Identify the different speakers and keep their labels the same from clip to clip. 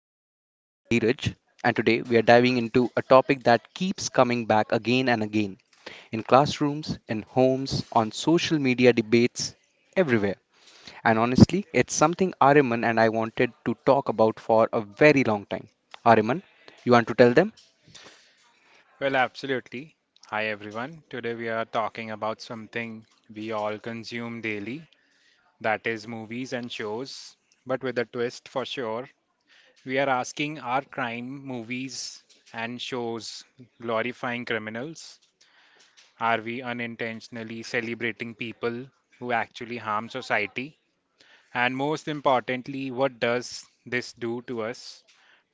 Speaker 1: Mike. I'm Dheeraj, and today we are diving into a topic that keeps coming back again and again in classrooms, in homes, on social media debates, everywhere. And honestly, it's something Ariman and I wanted to talk about for a very long time. Ariman, you want to tell them?
Speaker 2: Well, absolutely. Hi, everyone. Today we are talking about something we all consume daily, that is, movies and shows, but with a twist for sure. We are asking, are crime movies and shows glorifying criminals? Are we unintentionally celebrating people who actually harm society? And most importantly, what does this do to us,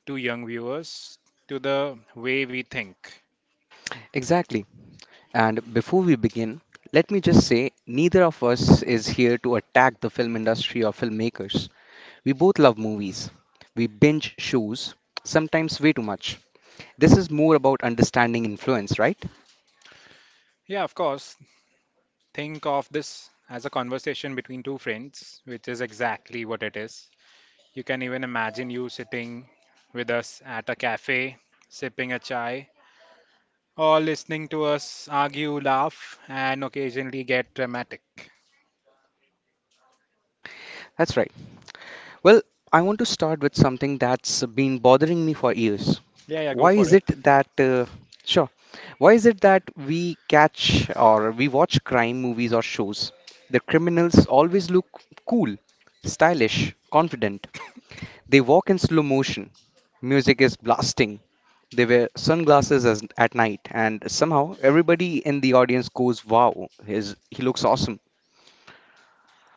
Speaker 2: to young viewers, to the way we think?
Speaker 1: Exactly. And before we begin, let me just say neither of us is here to attack the film industry or filmmakers. We both love movies. We binge shows, sometimes way too much. This is more about understanding influence, right?
Speaker 2: Yeah, of course. Think of this as a conversation between two friends, which is exactly what it is. You can even imagine you sitting with us at a cafe, sipping a chai, or listening to us argue, laugh, and occasionally get dramatic.
Speaker 1: That's right. Well, I want to start with something that's been bothering me for years.
Speaker 2: Yeah, yeah, go
Speaker 1: Why
Speaker 2: for
Speaker 1: is
Speaker 2: it.
Speaker 1: it that, uh, sure, why is it that we catch or we watch crime movies or shows? The criminals always look cool, stylish, confident. They walk in slow motion. Music is blasting. They wear sunglasses at night, and somehow everybody in the audience goes, "Wow, he looks awesome."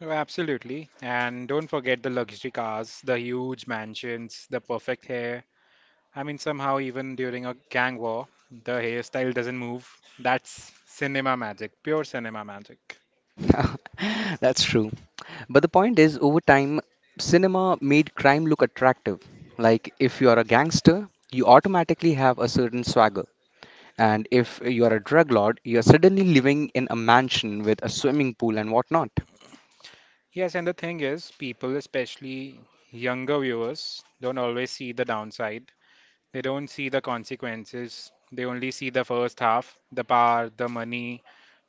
Speaker 2: Oh, absolutely. And don't forget the luxury cars, the huge mansions, the perfect hair. I mean, somehow, even during a gang war, the hairstyle doesn't move. That's cinema magic, pure cinema magic.
Speaker 1: That's true. But the point is, over time, cinema made crime look attractive. Like, if you are a gangster, you automatically have a certain swagger. And if you are a drug lord, you are suddenly living in a mansion with a swimming pool and whatnot.
Speaker 2: Yes, and the thing is, people, especially younger viewers, don't always see the downside. They don't see the consequences. They only see the first half, the power, the money,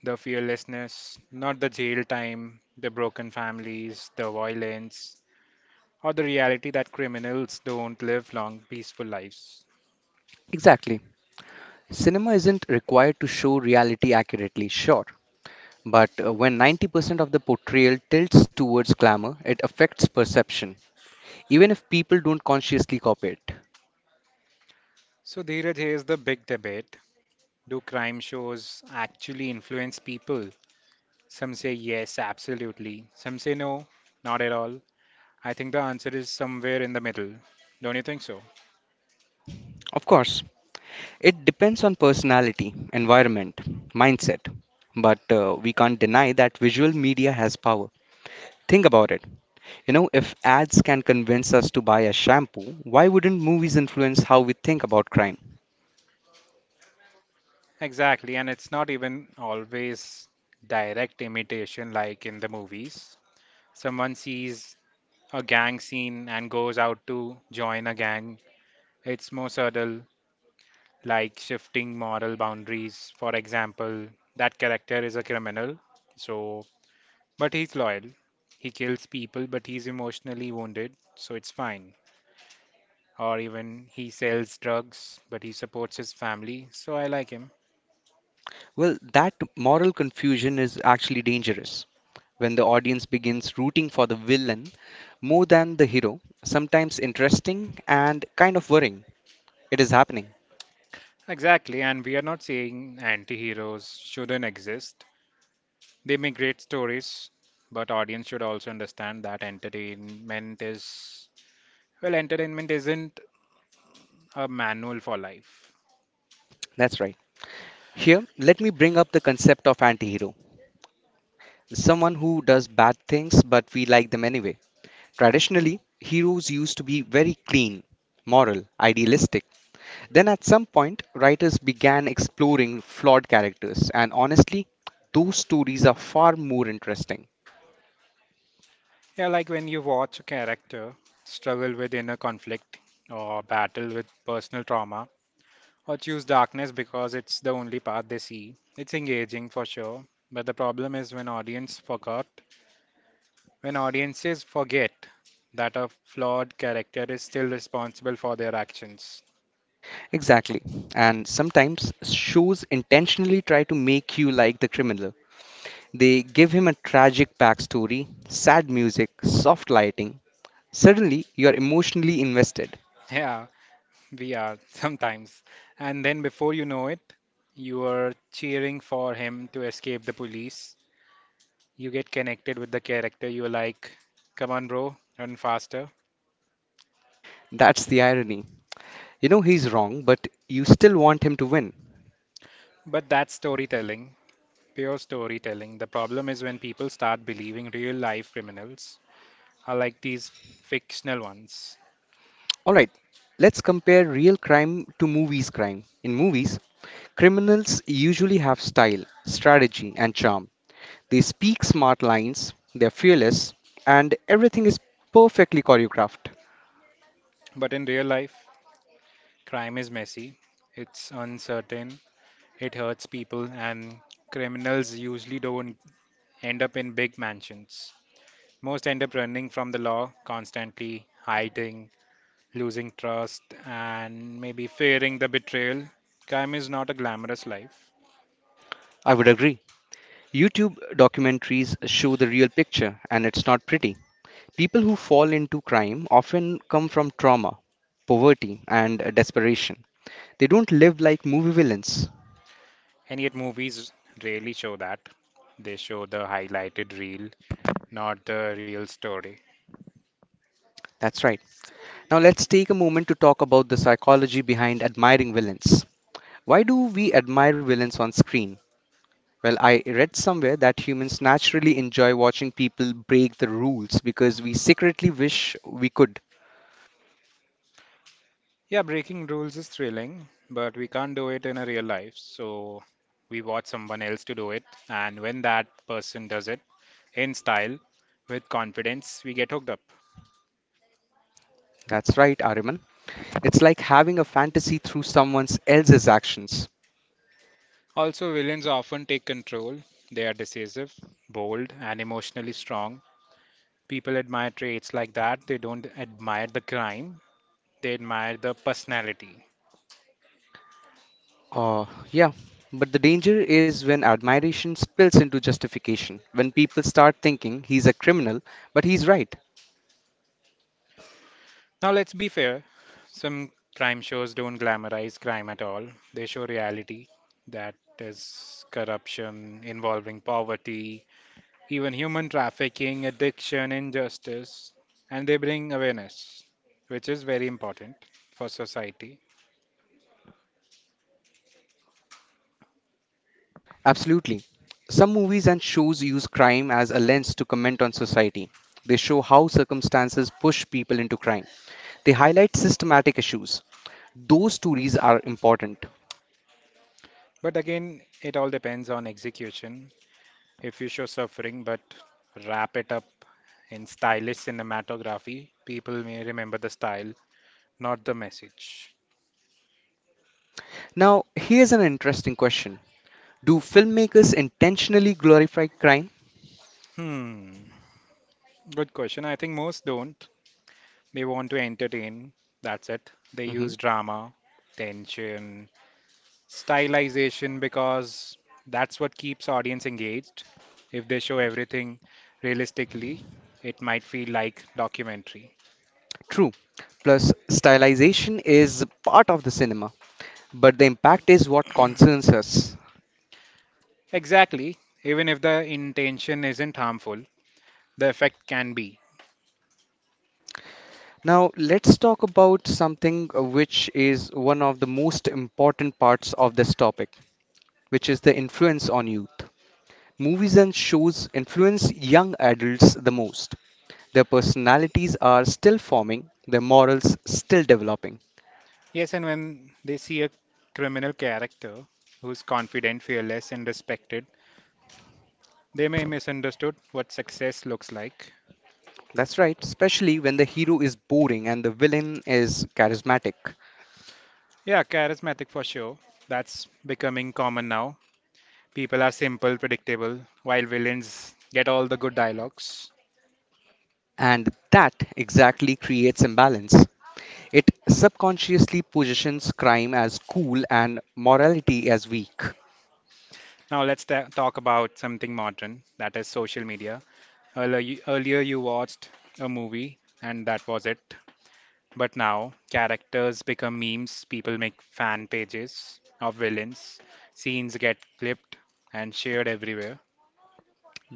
Speaker 2: the fearlessness, not the jail time, the broken families, the violence, or the reality that criminals don't live long, peaceful lives.
Speaker 1: Exactly. Cinema isn't required to show reality accurately, sure, but when 90% of the portrayal tilts towards glamour, it affects perception, even if people don't consciously copy it.
Speaker 2: So, Dheeraj, here's the big debate. Do crime shows actually influence people? Some say yes, absolutely. Some say no, not at all. I think the answer is somewhere in the middle. Don't you think so?
Speaker 1: Of course, it depends on personality, environment, mindset. But we can't deny that visual media has power. Think about it. If ads can convince us to buy a shampoo, why wouldn't movies influence how we think about crime?
Speaker 2: Exactly, and it's not even always direct imitation like in the movies. Someone sees a gang scene and goes out to join a gang. It's more subtle, like shifting moral boundaries. For example, that character is a criminal, so but he's loyal. He kills people, but he's emotionally wounded, so it's fine. Or even he sells drugs, but he supports his family, so I like him.
Speaker 1: Well, that moral confusion is actually dangerous when the audience begins rooting for the villain more than the hero. Sometimes interesting and kind of worrying. It is happening.
Speaker 2: Exactly, and we are not saying anti heroes shouldn't exist. They make great stories, but audience should also understand that entertainment isn't a manual for life.
Speaker 1: That's right. Here, let me bring up the concept of anti-hero. Someone who does bad things but we like them anyway. Traditionally, heroes used to be very clean, moral, idealistic. Then at some point, writers began exploring flawed characters and honestly, those stories are far more interesting.
Speaker 2: Yeah, like when you watch a character struggle with inner conflict or battle with personal trauma or choose darkness because it's the only path they see. It's engaging for sure, but the problem is when audiences forget that a flawed character is still responsible for their actions.
Speaker 1: Exactly. And sometimes shows intentionally try to make you like the criminal. They give him a tragic backstory, sad music, soft lighting. Suddenly, you're emotionally invested.
Speaker 2: Yeah, we are sometimes. And then before you know it, you are cheering for him to escape the police. You get connected with the character. You're like, come on, bro, run faster.
Speaker 1: That's the irony. You know he's wrong, but you still want him to win.
Speaker 2: But that's storytelling, pure storytelling. The problem is when people start believing real life criminals are like these fictional ones.
Speaker 1: Alright, let's compare real crime to movies' crime. In movies, criminals usually have style, strategy, and charm. They speak smart lines, they're fearless, and everything is perfectly choreographed.
Speaker 2: But in real life, crime is messy, it's uncertain, it hurts people, and criminals usually don't end up in big mansions. Most end up running from the law, constantly hiding, losing trust, and maybe fearing the betrayal. Crime is not a glamorous life,
Speaker 1: I would agree. YouTube documentaries show the real picture, and it's not pretty. People who fall into crime often come from trauma, poverty, and desperation. They don't live like movie villains.
Speaker 2: and yet movies rarely show that. They show the highlighted reel, not the real story.
Speaker 1: That's right. Now, let's take a moment to talk about the psychology behind admiring villains. Why do we admire villains on screen? Well, I read somewhere that humans naturally enjoy watching people break the rules because we secretly wish we could.
Speaker 2: Yeah, breaking rules is thrilling, but we can't do it in a real life. So we watch someone else to do it, and when that person does it, in style, with confidence, we get hooked up.
Speaker 1: That's right, Ariman. It's like having a fantasy through someone else's actions.
Speaker 2: Also, villains often take control. They are decisive, bold, and emotionally strong. People admire traits like that. They don't admire the crime, they admire the personality.
Speaker 1: Uh, yeah, but the danger is when admiration spills into justification, when people start thinking he's a criminal, but he's right.
Speaker 2: Now, let's be fair, some crime shows don't glamorize crime at all, they show reality, that is corruption involving poverty, even human trafficking, addiction, injustice, and they bring awareness, which is very important for society.
Speaker 1: Absolutely. Some movies and shows use crime as a lens to comment on society. They show how circumstances push people into crime. They highlight systematic issues. Those stories are important.
Speaker 2: But again, it all depends on execution. If you show suffering but wrap it up in stylish cinematography, people may remember the style, not the message.
Speaker 1: Now, here's an interesting question. Do filmmakers intentionally glorify crime?
Speaker 2: Hmm, good question. I think most don't. They want to entertain, that's it. They
Speaker 1: Mhm.
Speaker 2: use drama, tension, stylization because that's what keeps audience engaged. If they show everything realistically, it might feel like documentary.
Speaker 1: True. Plus, stylization is part of the cinema, but the impact is what concerns us.
Speaker 2: Exactly. Even if the intention isn't harmful, the effect can be.
Speaker 1: Now, let's talk about something which is one of the most important parts of this topic, which is the influence on youth. Movies and shows influence young adults the most. Their personalities are still forming, their morals still developing.
Speaker 2: Yes, and when they see a criminal character who's confident, fearless, and respected, they may misunderstood what success looks like.
Speaker 1: That's right, especially when the hero is boring and the villain is charismatic.
Speaker 2: Yeah, charismatic for sure. That's becoming common now. People are simple, predictable, while villains get all the good dialogues.
Speaker 1: And that exactly creates imbalance. It subconsciously positions crime as cool and morality as weak.
Speaker 2: Now let's ta talk about something modern, that is social media. Earlier you watched a movie and that was it. But now characters become memes, people make fan pages of villains, scenes get clipped and shared everywhere.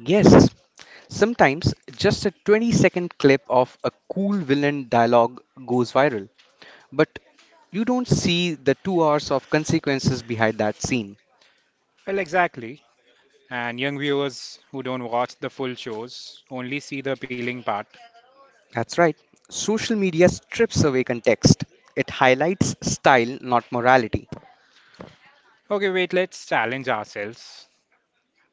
Speaker 1: Yes, sometimes just a 20-second clip of a cool villain dialogue goes viral, but you don't see the 2 hours of consequences behind that scene.
Speaker 2: Well, exactly. And young viewers who don't watch the full shows only see the appealing part.
Speaker 1: That's right, social media strips away context, it highlights style, not morality.
Speaker 2: Okay, wait, let's challenge ourselves.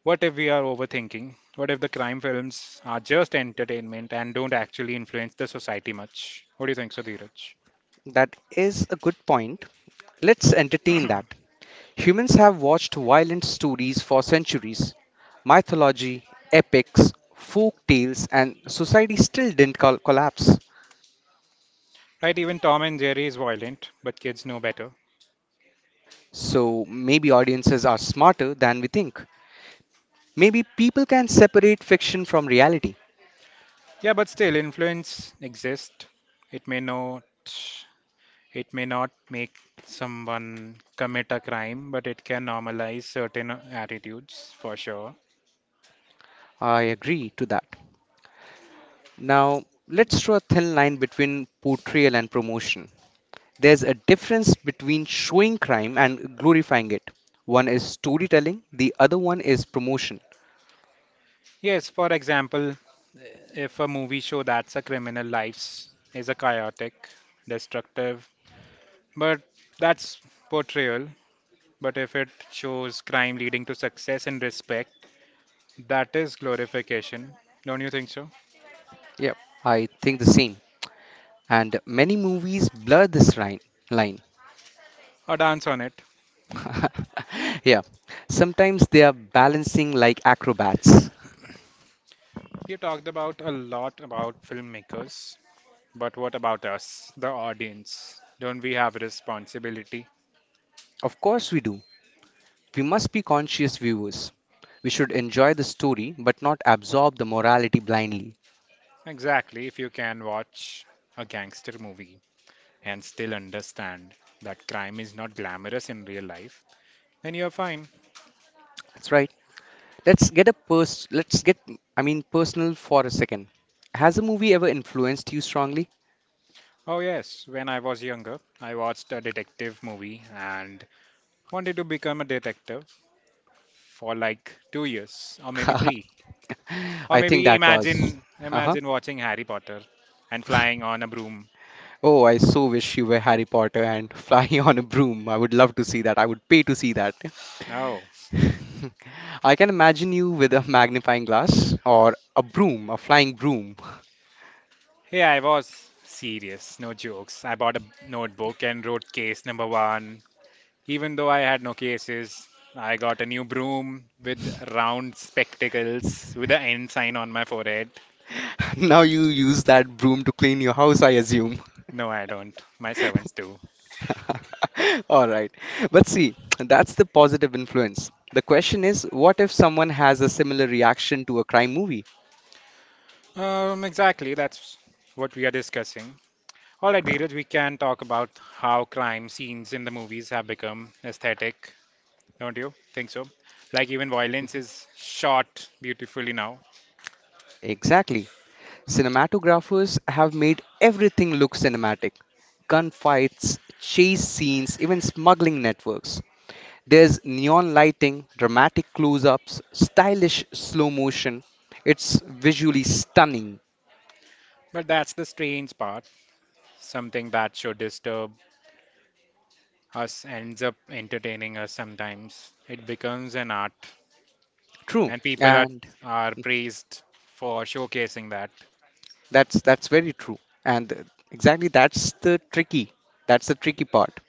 Speaker 2: What if we are overthinking? What if the crime films are just entertainment and don't actually influence the society much? What do you think, Sudhiraj?
Speaker 1: That is a good point. Let's entertain that. Humans have watched violent stories for centuries. Mythology, epics, folk tales, and society still didn't collapse.
Speaker 2: Right, even Tom and Jerry is violent, but kids know better.
Speaker 1: So maybe audiences are smarter than we think. Maybe people can separate fiction from reality.
Speaker 2: Yeah, but still, influence exists. It may not, it may not make someone commit a crime, but it can normalize certain attitudes for sure.
Speaker 1: I agree to that. Now, let's draw a thin line between portrayal and promotion. There's a difference between showing crime and glorifying it. One is storytelling, the other one is promotion.
Speaker 2: Yes, for example, if a movie show that's a criminal lives is a chaotic, destructive, but that's portrayal. But if it shows crime leading to success and respect, that is glorification. Don't you think so?
Speaker 1: Yep, I think the same, and many movies blur this line.
Speaker 2: A dance on it.
Speaker 1: Yeah, sometimes they are balancing like acrobats.
Speaker 2: You talked about a lot about filmmakers, but what about us, the audience? Don't we have a responsibility?
Speaker 1: Of course, we do. We must be conscious viewers. We should enjoy the story but not absorb the morality blindly.
Speaker 2: Exactly, if you can watch a gangster movie and still understand that crime is not glamorous in real life, then you're fine.
Speaker 1: That's right. Let's get personal for a second. Has a movie ever influenced you strongly?
Speaker 2: Oh, yes, when I was younger, I watched a detective movie and wanted to become a detective for like 2 years or maybe three. Or
Speaker 1: I think
Speaker 2: maybe
Speaker 1: that was. Uh-huh.
Speaker 2: imagine watching Harry Potter and flying on a broom.
Speaker 1: Oh, I so wish you were Harry Potter and flying on a broom. I would love to see that. I would pay to see that.
Speaker 2: Oh.
Speaker 1: I can imagine you with a magnifying glass or a broom, a flying broom.
Speaker 2: Yeah, I was serious, no jokes. I bought a notebook and wrote case number one. Even though I had no cases, I got a new broom with round spectacles with an N sign on my forehead.
Speaker 1: Now you use that broom to clean your house, I assume.
Speaker 2: No, I don't. My servants do.
Speaker 1: All right. But see, that's the positive influence. The question is, what if someone has a similar reaction to a crime movie?
Speaker 2: Exactly. That's what we are discussing. All right, Dheeraj, we can talk about how crime scenes in the movies have become aesthetic, don't you think so? Like even violence is shot beautifully now.
Speaker 1: Exactly. Cinematographers have made everything look cinematic: gunfights, chase scenes, even smuggling networks. There's neon lighting, dramatic close ups, stylish slow motion. It's visually stunning.
Speaker 2: But that's the strange part. Something that should disturb us ends up entertaining us sometimes. It becomes an art,
Speaker 1: True.
Speaker 2: and
Speaker 1: And
Speaker 2: are praised for showcasing that.
Speaker 1: that's very true. And exactly That's the tricky part.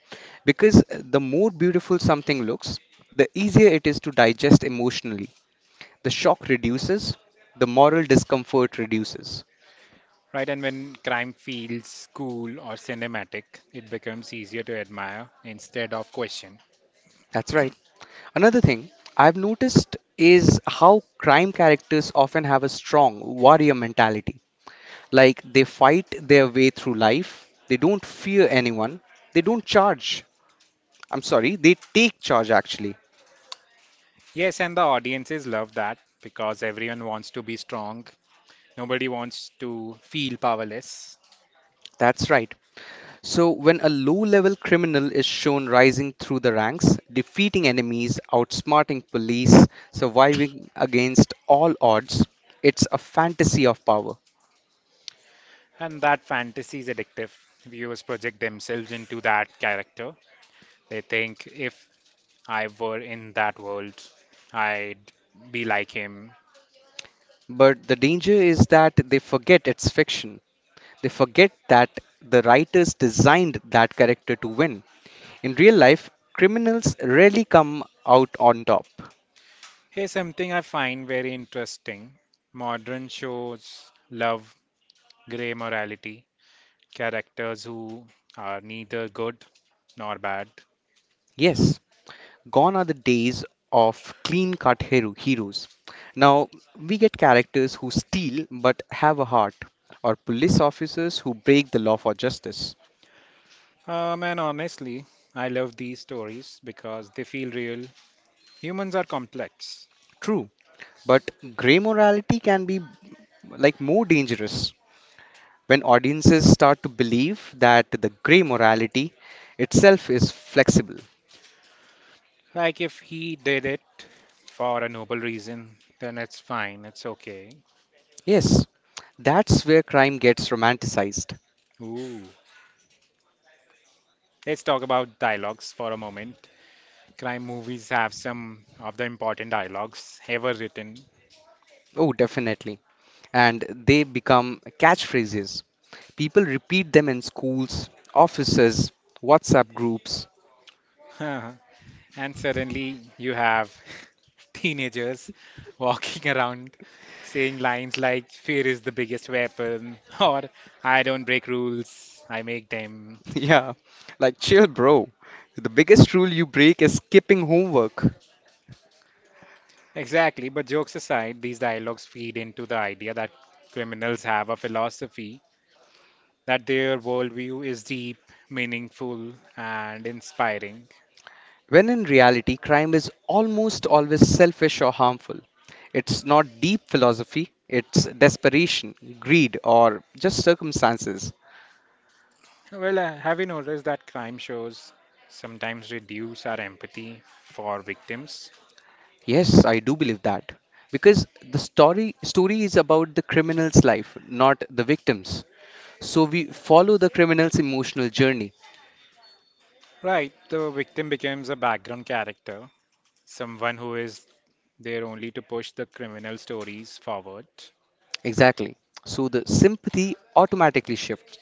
Speaker 1: Because the more beautiful something looks, the easier it is to digest emotionally. The shock reduces, the moral discomfort reduces.
Speaker 2: Right, and when crime feels cool or cinematic, it becomes easier to admire instead of question.
Speaker 1: That's right. Another thing I've noticed is how crime characters often have a strong warrior mentality. Like they fight their way through life, they don't fear anyone, they don't charge. I'm sorry, they take charge actually.
Speaker 2: Yes, and the audiences love that because everyone wants to be strong. Nobody wants to feel powerless.
Speaker 1: That's right. So, when a low level criminal is shown rising through the ranks, defeating enemies, outsmarting police, surviving against all odds, it's a fantasy of power.
Speaker 2: And that fantasy is addictive. Viewers project themselves into that character. They think if I were in that world, I'd be like him.
Speaker 1: But the danger is that they forget it's fiction. They forget that the writers designed that character to win. In real life, criminals rarely come out on top.
Speaker 2: Here's something I find very interesting, modern shows love gray morality, characters who are neither good nor bad.
Speaker 1: Yes, gone are the days of clean cut heroes. Now we get characters who steal but have a heart, or police officers who break the law for justice.
Speaker 2: And honestly, I love these stories because they feel real. Humans are complex.
Speaker 1: True, but grey morality can be like more dangerous when audiences start to believe that the grey morality itself is flexible.
Speaker 2: Like, if he did it for a noble reason, then it's fine, it's okay.
Speaker 1: Yes, that's where crime gets romanticized.
Speaker 2: Ooh. Let's talk about dialogues for a moment. Crime movies have some of the important dialogues ever written.
Speaker 1: Oh, definitely. And they become catchphrases. People repeat them in schools, offices, WhatsApp groups.
Speaker 2: And suddenly you have teenagers walking around saying lines like fear is the biggest weapon or I don't break rules, I make them.
Speaker 1: Yeah, like chill, bro. The biggest rule you break is skipping homework.
Speaker 2: Exactly, but jokes aside, these dialogues feed into the idea that criminals have a philosophy, that their worldview is deep, meaningful, and inspiring.
Speaker 1: When in reality, crime is almost always selfish or harmful. It's not deep philosophy, it's desperation, greed, or just circumstances.
Speaker 2: Have you noticed that crime shows sometimes reduce our empathy for victims?
Speaker 1: Yes, I do believe that. Because the story is about the criminal's life, not the victims. So we follow the criminal's emotional journey.
Speaker 2: Right, the victim becomes a background character, someone who is there only to push the criminal stories forward.
Speaker 1: Exactly. So the sympathy automatically shifts.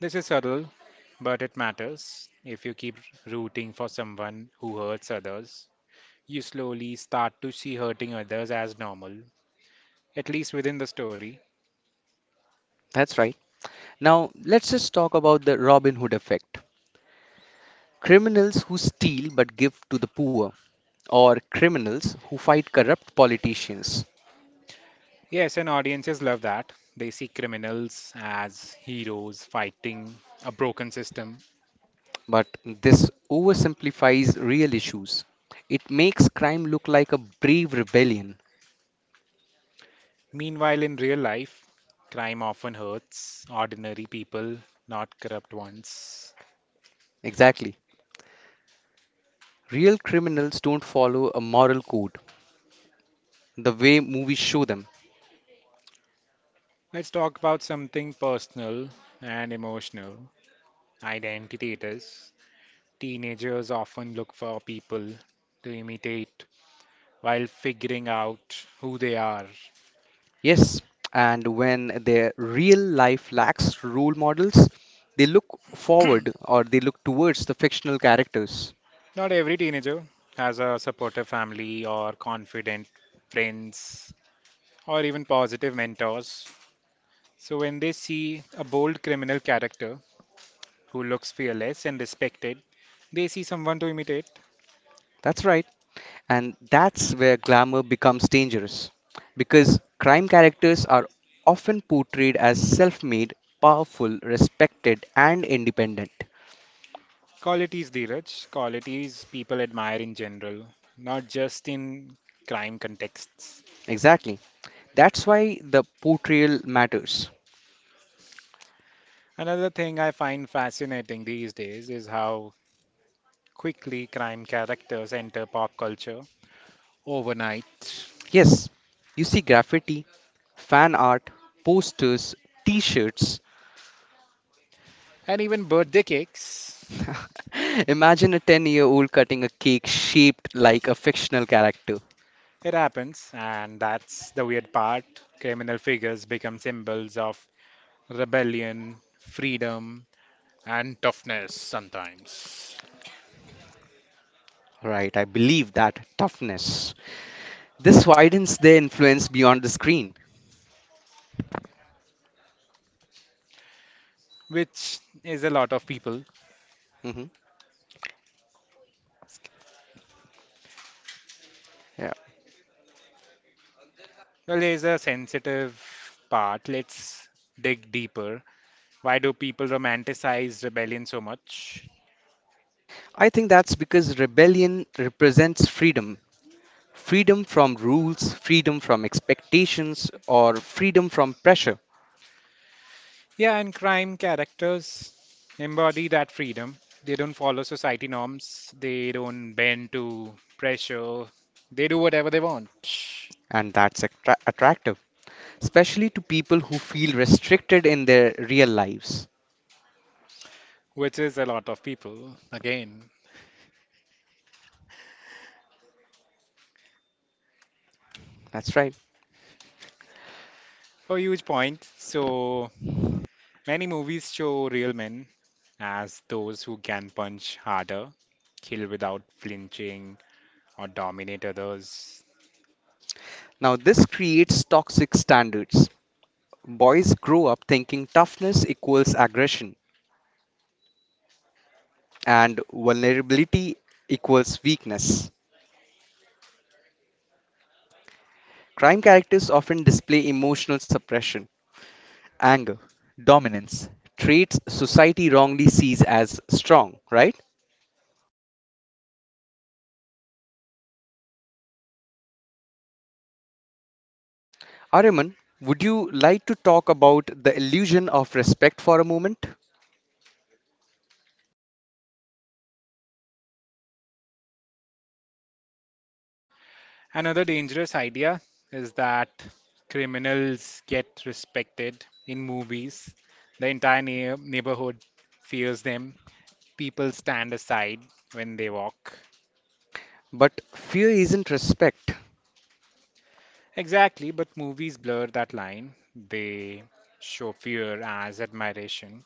Speaker 2: This is subtle, but it matters. If you keep rooting for someone who hurts others, you slowly start to see hurting others as normal, at least within the story.
Speaker 1: That's right. Now, let's just talk about the Robin Hood effect. Criminals who steal but give to the poor, or criminals who fight corrupt politicians.
Speaker 2: Yes, and audiences love that. They see criminals as heroes fighting a broken system.
Speaker 1: But this oversimplifies real issues. It makes crime look like a brave rebellion.
Speaker 2: Meanwhile, in real life, crime often hurts ordinary people, not corrupt ones.
Speaker 1: Exactly. Real criminals don't follow a moral code the way movies show them.
Speaker 2: Let's talk about something personal and emotional identity. It is. Teenagers often look for people to imitate while figuring out who they are.
Speaker 1: Yes, and when their real life lacks role models, they look forward or they look towards the fictional characters.
Speaker 2: Not every teenager has a supportive family or confident friends or even positive mentors. So when they see a bold criminal character who looks fearless and respected, they see someone to imitate.
Speaker 1: That's right. And that's where glamour becomes dangerous because crime characters are often portrayed as self made, powerful, respected, and independent.
Speaker 2: Qualities, Dheeraj, qualities people admire in general, not just in crime contexts.
Speaker 1: Exactly. That's why the portrayal matters.
Speaker 2: Another thing I find fascinating these days is how quickly crime characters enter pop culture overnight,
Speaker 1: Yes, you see graffiti, fan art, posters, t shirts.
Speaker 2: and even birthday cakes.
Speaker 1: Imagine a 10-year-old cutting a cake shaped like a fictional character.
Speaker 2: It happens, and that's the weird part. Criminal figures become symbols of rebellion, freedom, and toughness sometimes.
Speaker 1: Right, I believe that toughness. This widens their influence beyond the screen.
Speaker 2: Which is a lot of people.
Speaker 1: Hmm. Yeah.
Speaker 2: Well, there's a sensitive part. Let's dig deeper. Why do people romanticize rebellion so much?
Speaker 1: I think that's because rebellion represents freedom, freedom from rules, freedom from expectations, or freedom from pressure.
Speaker 2: Yeah, and crime characters embody that freedom. They don't follow society norms, they don't bend to pressure, they do whatever they want,
Speaker 1: And that's attractive, especially to people who feel restricted in their real lives.
Speaker 2: which is a lot of people, again.
Speaker 1: That's right.
Speaker 2: A huge point. So many movies show real men as those who can punch harder, kill without flinching, or dominate others.
Speaker 1: Now, this creates toxic standards. Boys grow up thinking toughness equals aggression and vulnerability equals weakness. Crime characters often display emotional suppression, anger, dominance, traits society wrongly sees as strong, right? Ariman, would you like to talk about the illusion of respect for a moment?
Speaker 2: Another dangerous idea is that criminals get respected in movies. The entire neighborhood fears them. People stand aside when they walk.
Speaker 1: But fear isn't respect.
Speaker 2: Exactly, but movies blur that line. They show fear as admiration.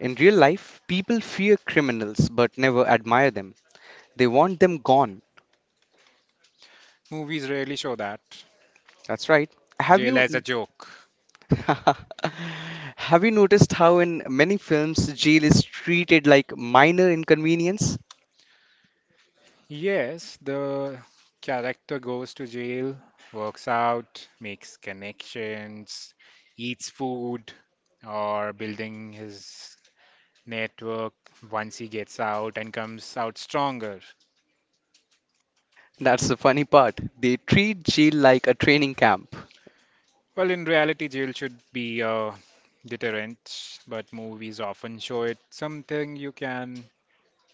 Speaker 1: In real life, people fear criminals but never admire them. They want them gone.
Speaker 2: Movies rarely show that.
Speaker 1: That's right. Have
Speaker 2: Jail as a
Speaker 1: you
Speaker 2: joke.
Speaker 1: Have you noticed how in many films jail is treated like minor inconvenience?
Speaker 2: Yes, the character goes to jail, works out, makes connections, eats food, or building his network once he gets out and comes out stronger.
Speaker 1: That's the funny part. They treat jail like a training camp.
Speaker 2: Well, in reality, jail should be a deterrent, but movies often show it something you can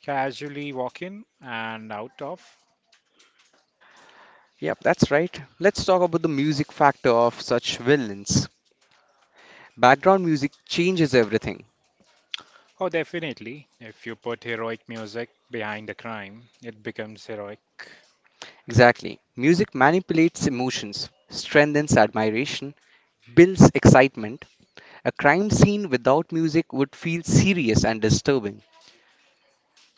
Speaker 2: casually walk in and out of.
Speaker 1: Yep, that's right. Let's talk about the music factor of such villains. Background music changes everything.
Speaker 2: Oh, definitely. If you put heroic music behind the crime, it becomes heroic.
Speaker 1: Exactly. Music manipulates emotions, strengthens admiration, builds excitement. A crime scene without music would feel serious and disturbing.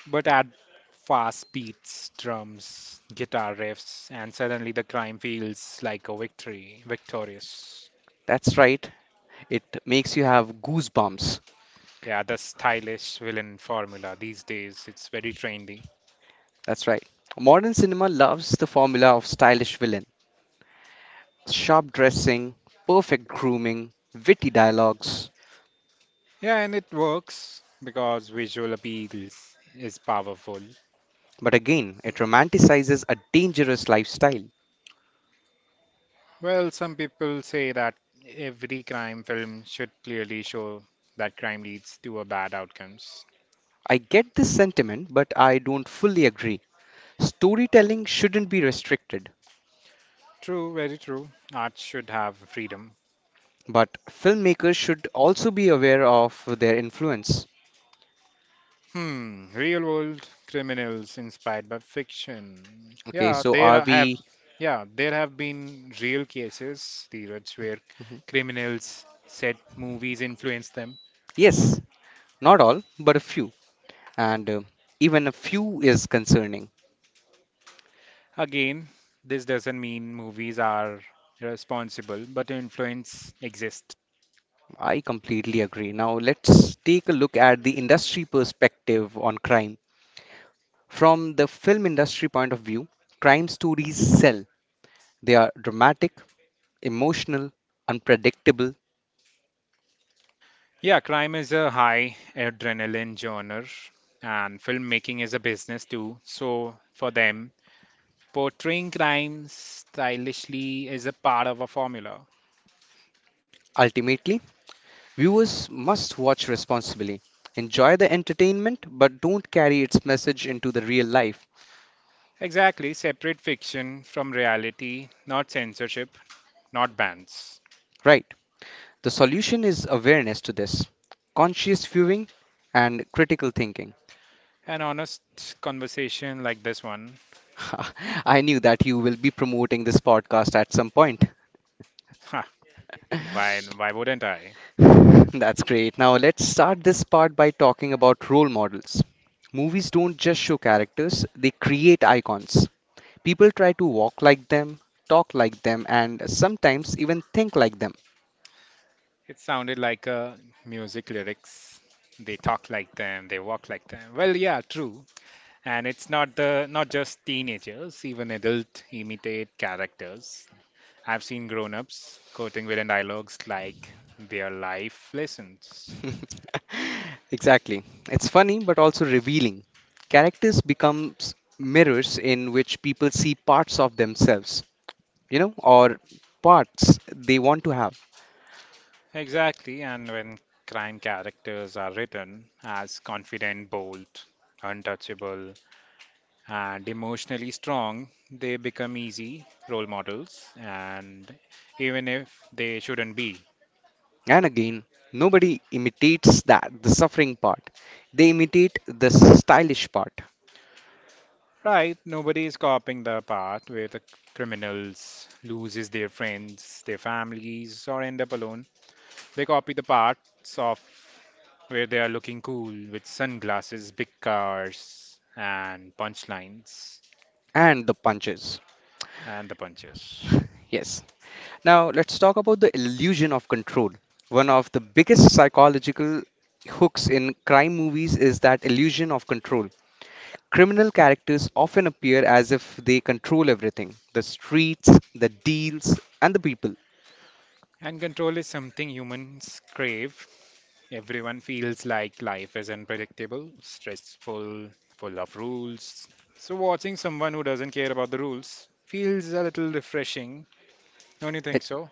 Speaker 2: But add fast beats, drums, guitar riffs, and suddenly the crime feels like a victory, victorious.
Speaker 1: That's right. It makes you have goosebumps.
Speaker 2: Yeah, the stylish villain formula these days, it's very trendy.
Speaker 1: That's right. Modern cinema loves the formula of stylish villain, sharp dressing, perfect grooming, witty dialogues.
Speaker 2: Yeah, and it works because visual appeal is powerful.
Speaker 1: But again, it romanticizes a dangerous lifestyle.
Speaker 2: Well, some people say that every crime film should clearly show that crime leads to a bad outcomes.
Speaker 1: I get this sentiment, but I don't fully agree. Storytelling shouldn't be restricted,
Speaker 2: True, very true. Art should have freedom.
Speaker 1: but filmmakers should also be aware of their influence.
Speaker 2: Hmm, real world criminals inspired by fiction.
Speaker 1: Okay, so are we.
Speaker 2: Yeah, there have been real cases, Dheeraj, where
Speaker 1: Mhm.
Speaker 2: criminals said movies influenced them.
Speaker 1: Yes, not all, but a few. And even a few is concerning.
Speaker 2: Again, this doesn't mean movies are responsible, but influence exists.
Speaker 1: I completely agree. Now, let's take a look at the industry perspective on crime. From the film industry point of view, crime stories sell. They are dramatic, emotional, unpredictable.
Speaker 2: Yeah, crime is a high adrenaline genre, and filmmaking is a business too. So for them, portraying crime stylishly is a part of a formula.
Speaker 1: Ultimately, viewers must watch responsibly. Enjoy the entertainment, but don't carry its message into the real life.
Speaker 2: Exactly, separate fiction from reality, not censorship, not bans.
Speaker 1: Right. The solution is awareness to this, conscious viewing, and critical thinking.
Speaker 2: An honest conversation like this one.
Speaker 1: I knew that you will be promoting this podcast at some point.
Speaker 2: Ha, why, why wouldn't I?
Speaker 1: That's great. Now let's start this part by talking about role models. Movies don't just show characters, they create icons. People try to walk like them, talk like them, and sometimes even think like them.
Speaker 2: It sounded like music lyrics. They talk like them, they walk like them. Well, yeah, true. And it's not the not just teenagers, even adult imitate characters. I've seen grown-ups quoting villain dialogues like their life lessons.
Speaker 1: Exactly. It's funny but also revealing. Characters become mirrors in which people see parts of themselves, you know, or parts they want to have.
Speaker 2: Exactly, and when crime characters are written as confident, bold, untouchable, and emotionally strong, they become easy role models, and even if they shouldn't be.
Speaker 1: And again, nobody imitates that, the suffering part. They imitate the stylish part
Speaker 2: Right, nobody is copying the part where the criminals loses their friends, their families, or end up alone. They copy the parts of where they are looking cool with sunglasses, big cars, and punchlines.
Speaker 1: and the punches.
Speaker 2: And the punches.
Speaker 1: Yes. Now, let's talk about the illusion of control. One of the biggest psychological hooks in crime movies is that illusion of control. Criminal characters often appear as if they control everything, the streets, the deals, and the people.
Speaker 2: And control is something humans crave. Everyone feels like life is unpredictable, stressful, full of rules. So, watching someone who doesn't care about the rules feels a little refreshing, don't you think so?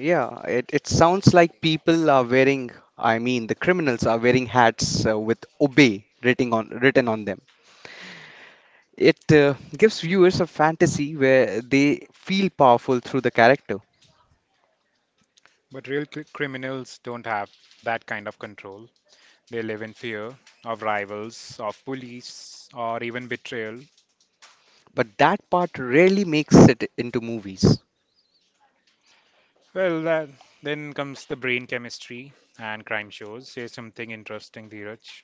Speaker 1: Yeah, it sounds like people are wearing, I mean, the criminals are wearing hats with obey written on them. It gives viewers a fantasy where they feel powerful through the character,
Speaker 2: But real criminals don't have that kind of control. They live in fear of rivals, of police, or even betrayal.
Speaker 1: but that part rarely makes it into movies.
Speaker 2: Well, that, then comes the brain chemistry and crime shows. Say something interesting, Dheeraj.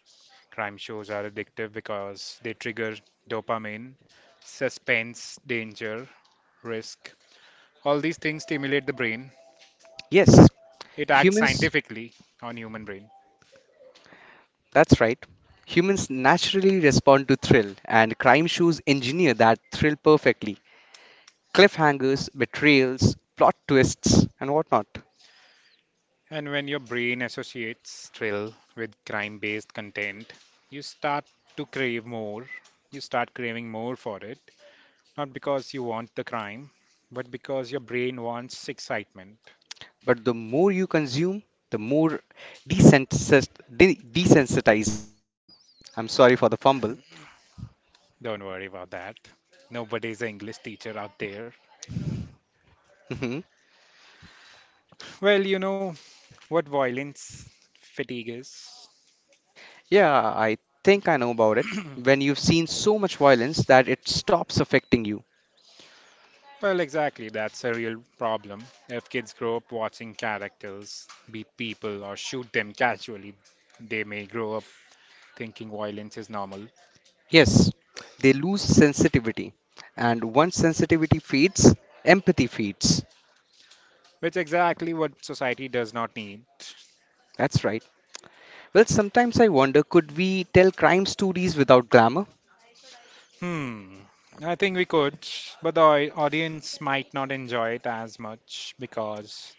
Speaker 2: Crime shows are addictive because they trigger dopamine, suspense, danger, risk. All these things stimulate the brain.
Speaker 1: Yes,
Speaker 2: It acts
Speaker 1: humans,
Speaker 2: scientifically on human brain.
Speaker 1: that's right. Humans naturally respond to thrill, and crime shows engineer that thrill perfectly. Cliffhangers, betrayals, plot twists, and whatnot.
Speaker 2: And when your brain associates thrill with crime-based content, you start to crave more. You start craving more for it, not because you want the crime, but because your brain wants excitement.
Speaker 1: But the more you consume, the more desensitized, desensitized you become. I'm sorry for the fumble.
Speaker 2: Don't worry about that. Nobody's an English teacher out there.
Speaker 1: Mhm.
Speaker 2: Well, what violence fatigue is.
Speaker 1: Yeah, I think I know about it. When you've seen so much violence that it stops affecting you.
Speaker 2: Well, exactly, that's a real problem. If kids grow up watching characters beat people or shoot them casually, they may grow up thinking violence is normal,
Speaker 1: Yes, they lose sensitivity. And once sensitivity fades, empathy fades.
Speaker 2: which exactly what society does not need.
Speaker 1: That's right. Well, sometimes I wonder, could we tell crime stories without glamour?
Speaker 2: Hmm. I think we could, but the audience might not enjoy it as much because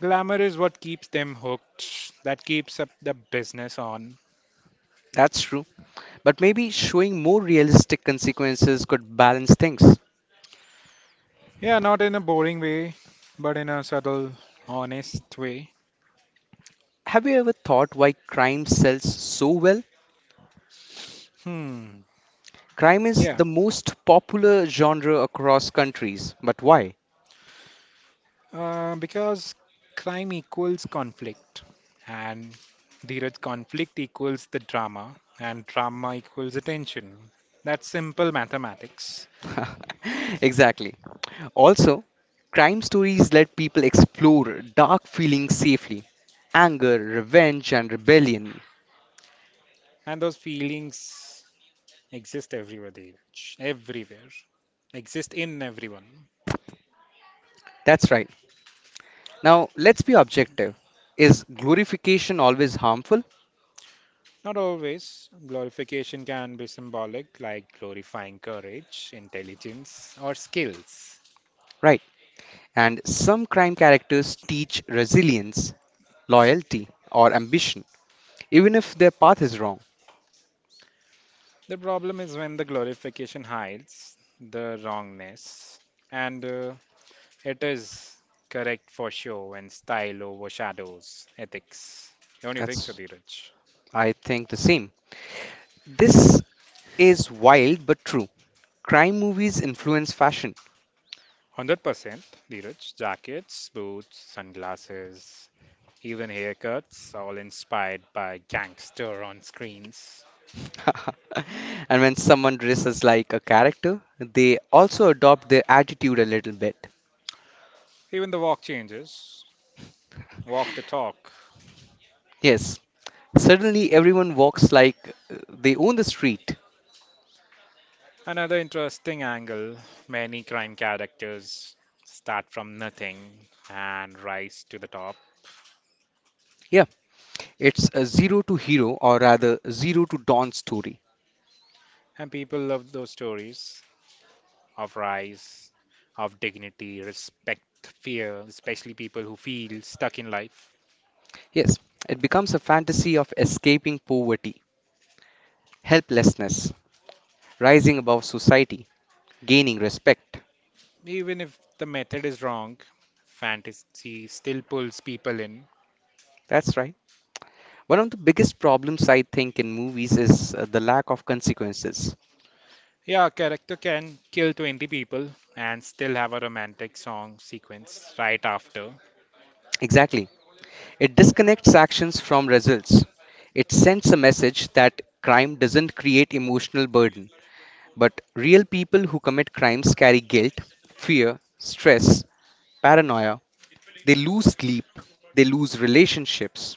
Speaker 2: glamour is what keeps them hooked, that keeps up the business on.
Speaker 1: That's true. But maybe showing more realistic consequences could balance things.
Speaker 2: Yeah, not in a boring way, but in a subtle, honest way.
Speaker 1: Have you ever thought why crime sells so well?
Speaker 2: Hmm.
Speaker 1: Crime is
Speaker 2: Yeah.
Speaker 1: the most popular genre across countries, but why?
Speaker 2: Because crime equals conflict, and the conflict equals the drama, and drama equals attention. That's simple mathematics.
Speaker 1: Exactly. Also, crime stories let people explore dark feelings safely, anger, revenge, and rebellion.
Speaker 2: And those feelings exist everywhere, Dheeraj. Everywhere. Exist in everyone.
Speaker 1: That's right. Now, let's be objective. Is glorification always harmful?
Speaker 2: Not always. Glorification can be symbolic, like glorifying courage, intelligence, or skills.
Speaker 1: Right. And some crime characters teach resilience, loyalty, or ambition, even if their path is wrong.
Speaker 2: The problem is when the glorification hides the wrongness, and it is correct for show and style overshadows ethics. Don't you think so,
Speaker 1: That's,
Speaker 2: Dheeraj?
Speaker 1: I think the same. This is wild but true. Crime movies influence fashion.
Speaker 2: 100%, Dheeraj. Jackets, boots, sunglasses, even haircuts, all inspired by gangster on screens.
Speaker 1: And when someone dresses like a character, they also adopt their attitude a little bit.
Speaker 2: Even the walk changes. Walk the talk.
Speaker 1: Yes, suddenly everyone walks like they own the street.
Speaker 2: Another interesting angle many crime characters start from nothing and rise to the top.
Speaker 1: Yeah, it's a zero to hero, or rather zero to dawn story.
Speaker 2: And people love those stories of rise, of dignity, respect, fear, especially people who feel stuck in life.
Speaker 1: Yes, it becomes a fantasy of escaping poverty, helplessness, rising above society, gaining respect.
Speaker 2: Even if the method is wrong, fantasy still pulls people in.
Speaker 1: That's right. One of the biggest problems I think in movies is the lack of consequences.
Speaker 2: Yeah, a character can kill 20 people and still have a romantic song sequence right after.
Speaker 1: Exactly. It disconnects actions from results. It sends a message that crime doesn't create emotional burden, but real people who commit crimes carry guilt, fear, stress, paranoia. They lose sleep, they lose relationships.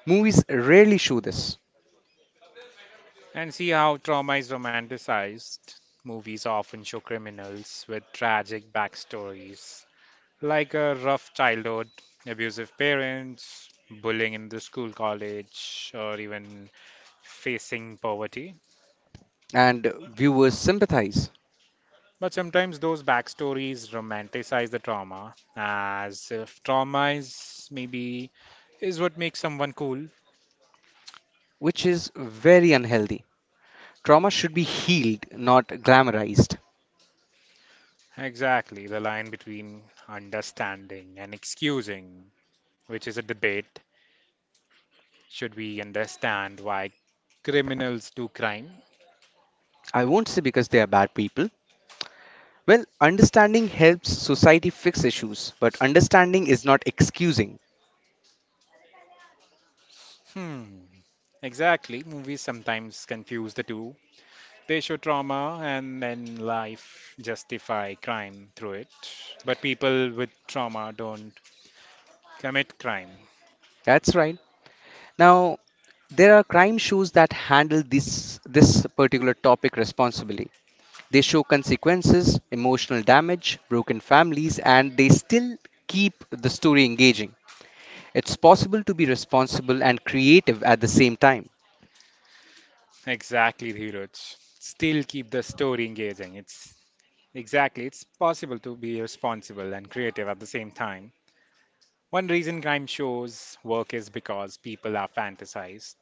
Speaker 1: Movies rarely show this,
Speaker 2: And see how trauma is romanticized. Movies often show criminals with tragic backstories, like a rough childhood, abusive parents, bullying in the school, college, or even facing poverty.
Speaker 1: and viewers sympathize,
Speaker 2: But sometimes those backstories romanticize the trauma, as if trauma is maybe is what makes someone cool.
Speaker 1: which is very unhealthy. Trauma should be healed, not glamorized.
Speaker 2: Exactly, the line between understanding and excusing, which is a debate. Should we understand why criminals do crime?
Speaker 1: I won't say because they are bad people. Well, understanding helps society fix issues, but understanding is not excusing.
Speaker 2: Hmm. Exactly. Movies sometimes confuse the two. They show trauma and then life justify crime through it. But people with trauma don't commit crime.
Speaker 1: That's right. Now, there are crime shows that handle this particular topic responsibly. They show consequences, emotional damage, broken families, and they still keep the story engaging. It's possible to be responsible and creative at the same time.
Speaker 2: Exactly, Dhiraj. Still keep the story engaging. It's exactly, it's possible to be responsible and creative at the same time. One reason crime shows work is because people are fantasized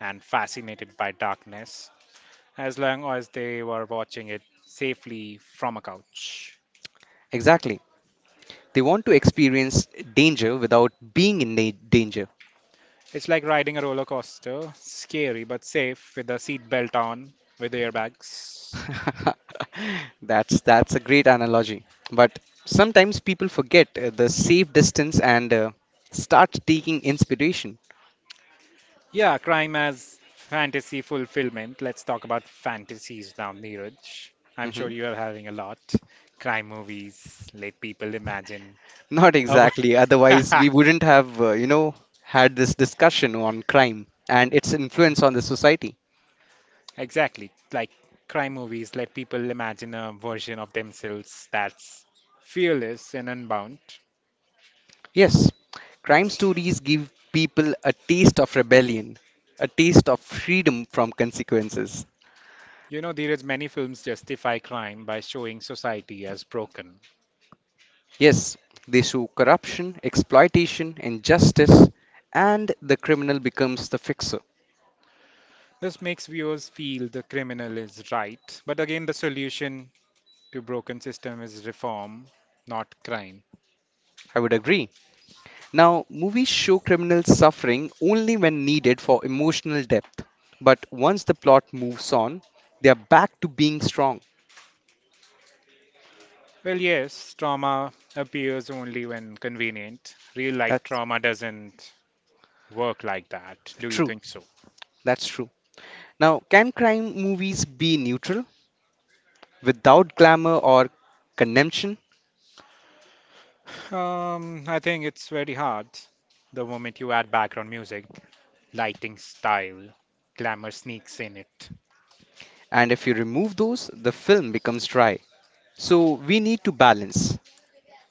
Speaker 2: and fascinated by darkness, as long as they were watching it safely from a couch.
Speaker 1: Exactly. They want to experience danger without being in danger.
Speaker 2: It's like riding a roller coaster, scary but safe, with a seat belt on, with airbags.
Speaker 1: That's a great analogy. But sometimes people forget the safe distance and start taking inspiration.
Speaker 2: Yeah, crime as fantasy fulfillment. Let's talk about fantasies now, Neeraj. I'm sure
Speaker 1: Hmm.
Speaker 2: you are having a lot. Crime movies let people imagine
Speaker 1: Not
Speaker 2: a
Speaker 1: exactly. Otherwise, we wouldn't have, you know, had this discussion on crime and its influence on the society.
Speaker 2: exactly, like crime movies let people imagine a version of themselves that's fearless and unbound.
Speaker 1: Yes, crime stories give people a taste of rebellion, a taste of freedom from consequences.
Speaker 2: You know, there is many films justify crime by showing society as broken.
Speaker 1: Yes, they show corruption, exploitation, injustice, and the criminal becomes the fixer.
Speaker 2: This makes viewers feel the criminal is right. But again, the solution to broken system is reform, not crime.
Speaker 1: I would agree. Now, movies show criminals suffering only when needed for emotional depth. But once the plot moves on, they are back to being strong.
Speaker 2: Well, yes, trauma appears only when convenient. Real life
Speaker 1: That's
Speaker 2: trauma doesn't work like that. Do you
Speaker 1: true.
Speaker 2: think so?
Speaker 1: That's true. Now, can crime movies be neutral without glamour or condemnation?
Speaker 2: I think it's very hard. The moment you add background music, lighting style, glamour sneaks in it.
Speaker 1: And if you remove those, the film becomes dry. So, we need to balance.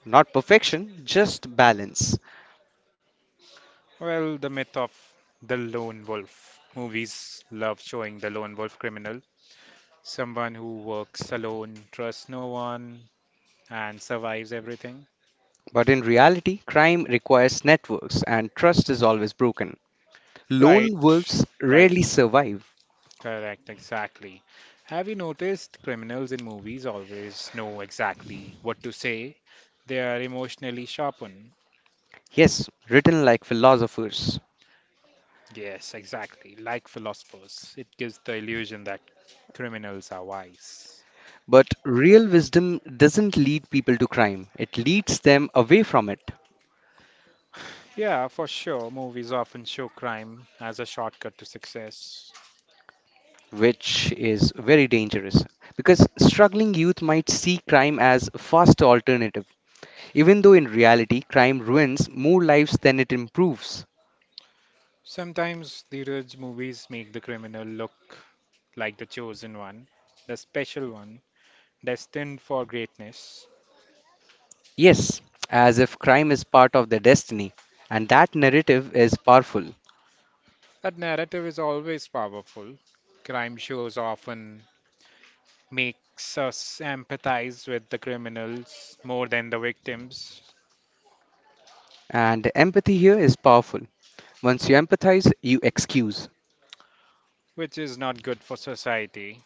Speaker 1: Not perfection, just balance.
Speaker 2: Well, the myth of the lone wolf. Movies love showing the lone wolf criminal, someone who works alone, trusts no one, and survives everything.
Speaker 1: But in reality, crime requires networks and trust is always broken.
Speaker 2: Right,
Speaker 1: Lone wolves
Speaker 2: right,
Speaker 1: rarely survive.
Speaker 2: correct, exactly. Have you noticed criminals in movies always know exactly what to say? They are emotionally sharpened.
Speaker 1: Yes, written like philosophers.
Speaker 2: Yes, exactly, like philosophers. It gives the illusion that criminals are wise.
Speaker 1: But real wisdom doesn't lead people to crime, it leads them away from it,
Speaker 2: Yeah, for sure. Movies often show crime as a shortcut to success.
Speaker 1: which is very dangerous. Because struggling youth might see crime as a faster alternative, even though in reality, crime ruins more lives than it improves.
Speaker 2: Sometimes the Raj movies make the criminal look like the chosen one, the special one, destined for greatness.
Speaker 1: Yes, as if crime is part of their destiny. And that narrative is powerful.
Speaker 2: That narrative is always powerful. Crime shows often makes us empathize with the criminals more than the victims,
Speaker 1: And empathy here is powerful. Once you empathize, you excuse.
Speaker 2: which is not good for society.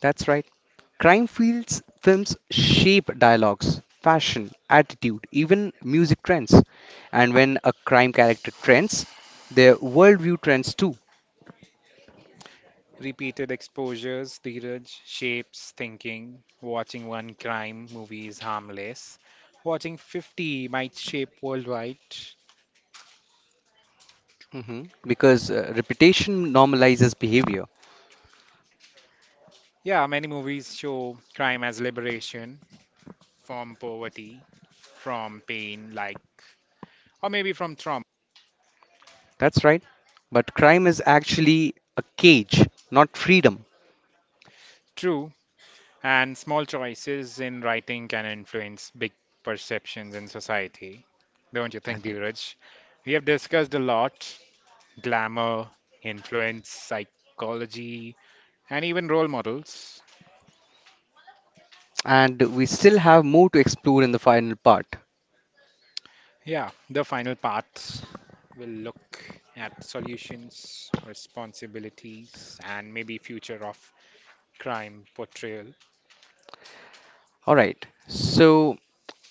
Speaker 1: That's right. Crime fields films shape dialogues, fashion, attitude, even music trends. And when a crime character trends, their worldview trends too.
Speaker 2: Repeated exposures, Dheeraj, shapes thinking. Watching one crime movie is harmless. Watching 50 might shape worldwide.
Speaker 1: Hmm. Because reputation normalizes behavior.
Speaker 2: Yeah, many movies show crime as liberation from poverty, from pain, like, or maybe from trauma.
Speaker 1: That's right. But crime is actually a cage, not freedom.
Speaker 2: True, and small choices in writing can influence big perceptions in society. Don't you think, Dheeraj? We have discussed a lot glamour, influence, psychology, and even role models.
Speaker 1: And we still have more to explore in the final part.
Speaker 2: Yeah, the final part will look at solutions, responsibilities, and maybe future of crime portrayal.
Speaker 1: All right. So,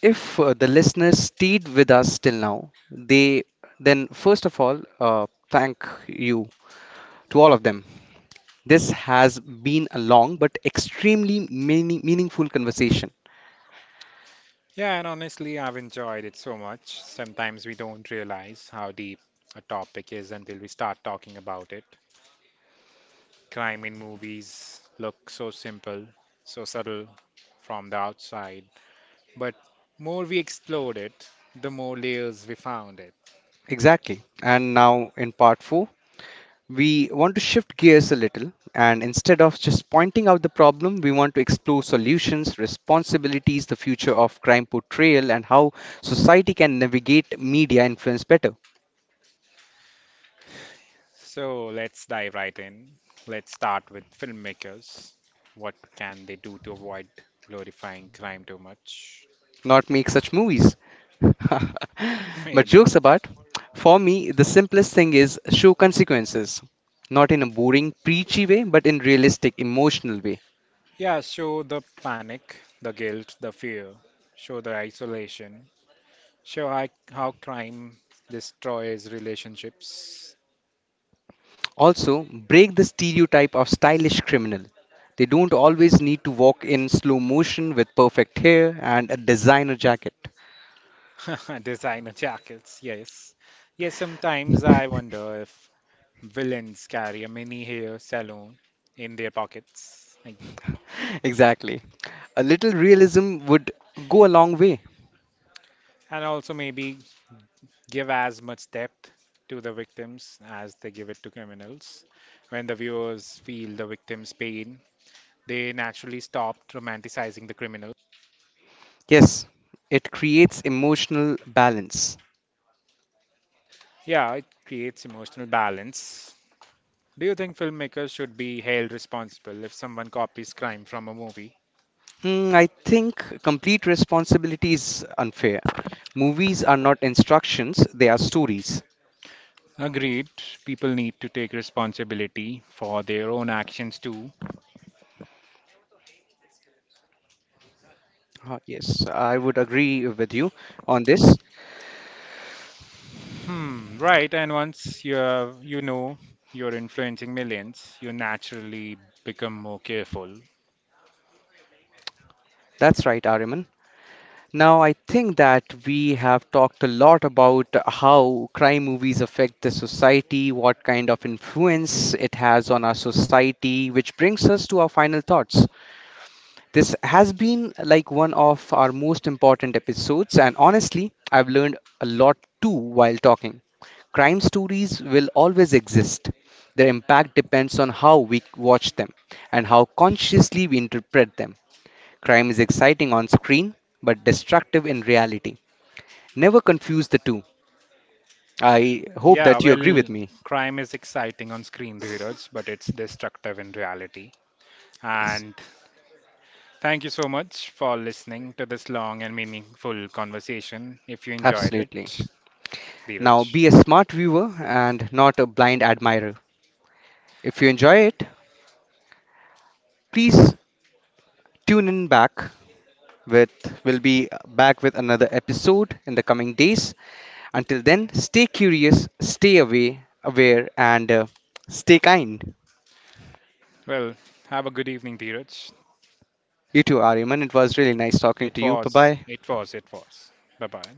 Speaker 1: if the listeners stayed with us till now, they then first of all, thank you to all of them. This has been a long but extremely meaningful conversation.
Speaker 2: Yeah, and honestly, I've enjoyed it so much. Sometimes we don't realize how deep a topic is until we start talking about it. Crime in movies look so simple, so subtle from the outside, but more we explored it, the more layers we found it.
Speaker 1: Exactly. And now in part four, we want to shift gears a little, and instead of just pointing out the problem, we want to explore solutions, responsibilities, the future of crime portrayal, and how society can navigate media influence better,
Speaker 2: So let's dive right in. Let's start with filmmakers. What can they do to avoid glorifying crime too much?
Speaker 1: not make such movies. But
Speaker 2: Maybe.
Speaker 1: jokes apart, for me, the simplest thing is show consequences, not in a boring, preachy way, but in realistic, emotional way.
Speaker 2: Yeah, show the panic, the guilt, the fear, show the isolation, show how crime destroys relationships.
Speaker 1: Also, break the stereotype of stylish criminal. They don't always need to walk in slow motion with perfect hair and a designer jacket.
Speaker 2: Designer jackets, yes. Yes, sometimes I wonder if villains carry a mini hair salon in their pockets. Like,
Speaker 1: Exactly. A little realism would go a long way.
Speaker 2: and also maybe give as much depth to the victims as they give it to criminals. When the viewers feel the victim's pain, they naturally stop romanticizing the criminal.
Speaker 1: Yes, it creates emotional balance.
Speaker 2: Yeah, it creates emotional balance. Do you think filmmakers should be held responsible if someone copies crime from a movie?
Speaker 1: Hmm, I think complete responsibility is unfair. Movies are not instructions, they are stories.
Speaker 2: Agreed. People need to take responsibility for their own actions too.
Speaker 1: Ah, yes, I would agree with you on this.
Speaker 2: Hmm, right. And once you have, you know you're influencing millions, you naturally become more careful.
Speaker 1: That's right, Ariman. Now, I think that we have talked a lot about how crime movies affect the society, what kind of influence it has on our society, which brings us to our final thoughts. This has been like one of our most important episodes, and honestly, I've learned a lot too while talking. Crime stories will always exist. Their impact depends on how we watch them and how consciously we interpret them. Crime is exciting on screen, but destructive in reality. Never confuse the two. I hope
Speaker 2: Yeah,
Speaker 1: that you agree with
Speaker 2: well,
Speaker 1: me.
Speaker 2: crime is exciting on screen, Dheeraj, but it's destructive in reality.
Speaker 1: Yes.
Speaker 2: And thank you so much for listening to this long and meaningful conversation. If you enjoyed it,
Speaker 1: Absolutely.
Speaker 2: Dheeraj,
Speaker 1: Now, be a smart viewer and not a blind admirer. If you enjoy it, please tune in back with, we'll be back with another episode in the coming days. Until then, stay curious, stay aware, and stay kind.
Speaker 2: well, have a good evening, Dheeraj.
Speaker 1: You too, Ariman. It was really nice talking to you. Bye-bye.
Speaker 2: It was. Bye bye.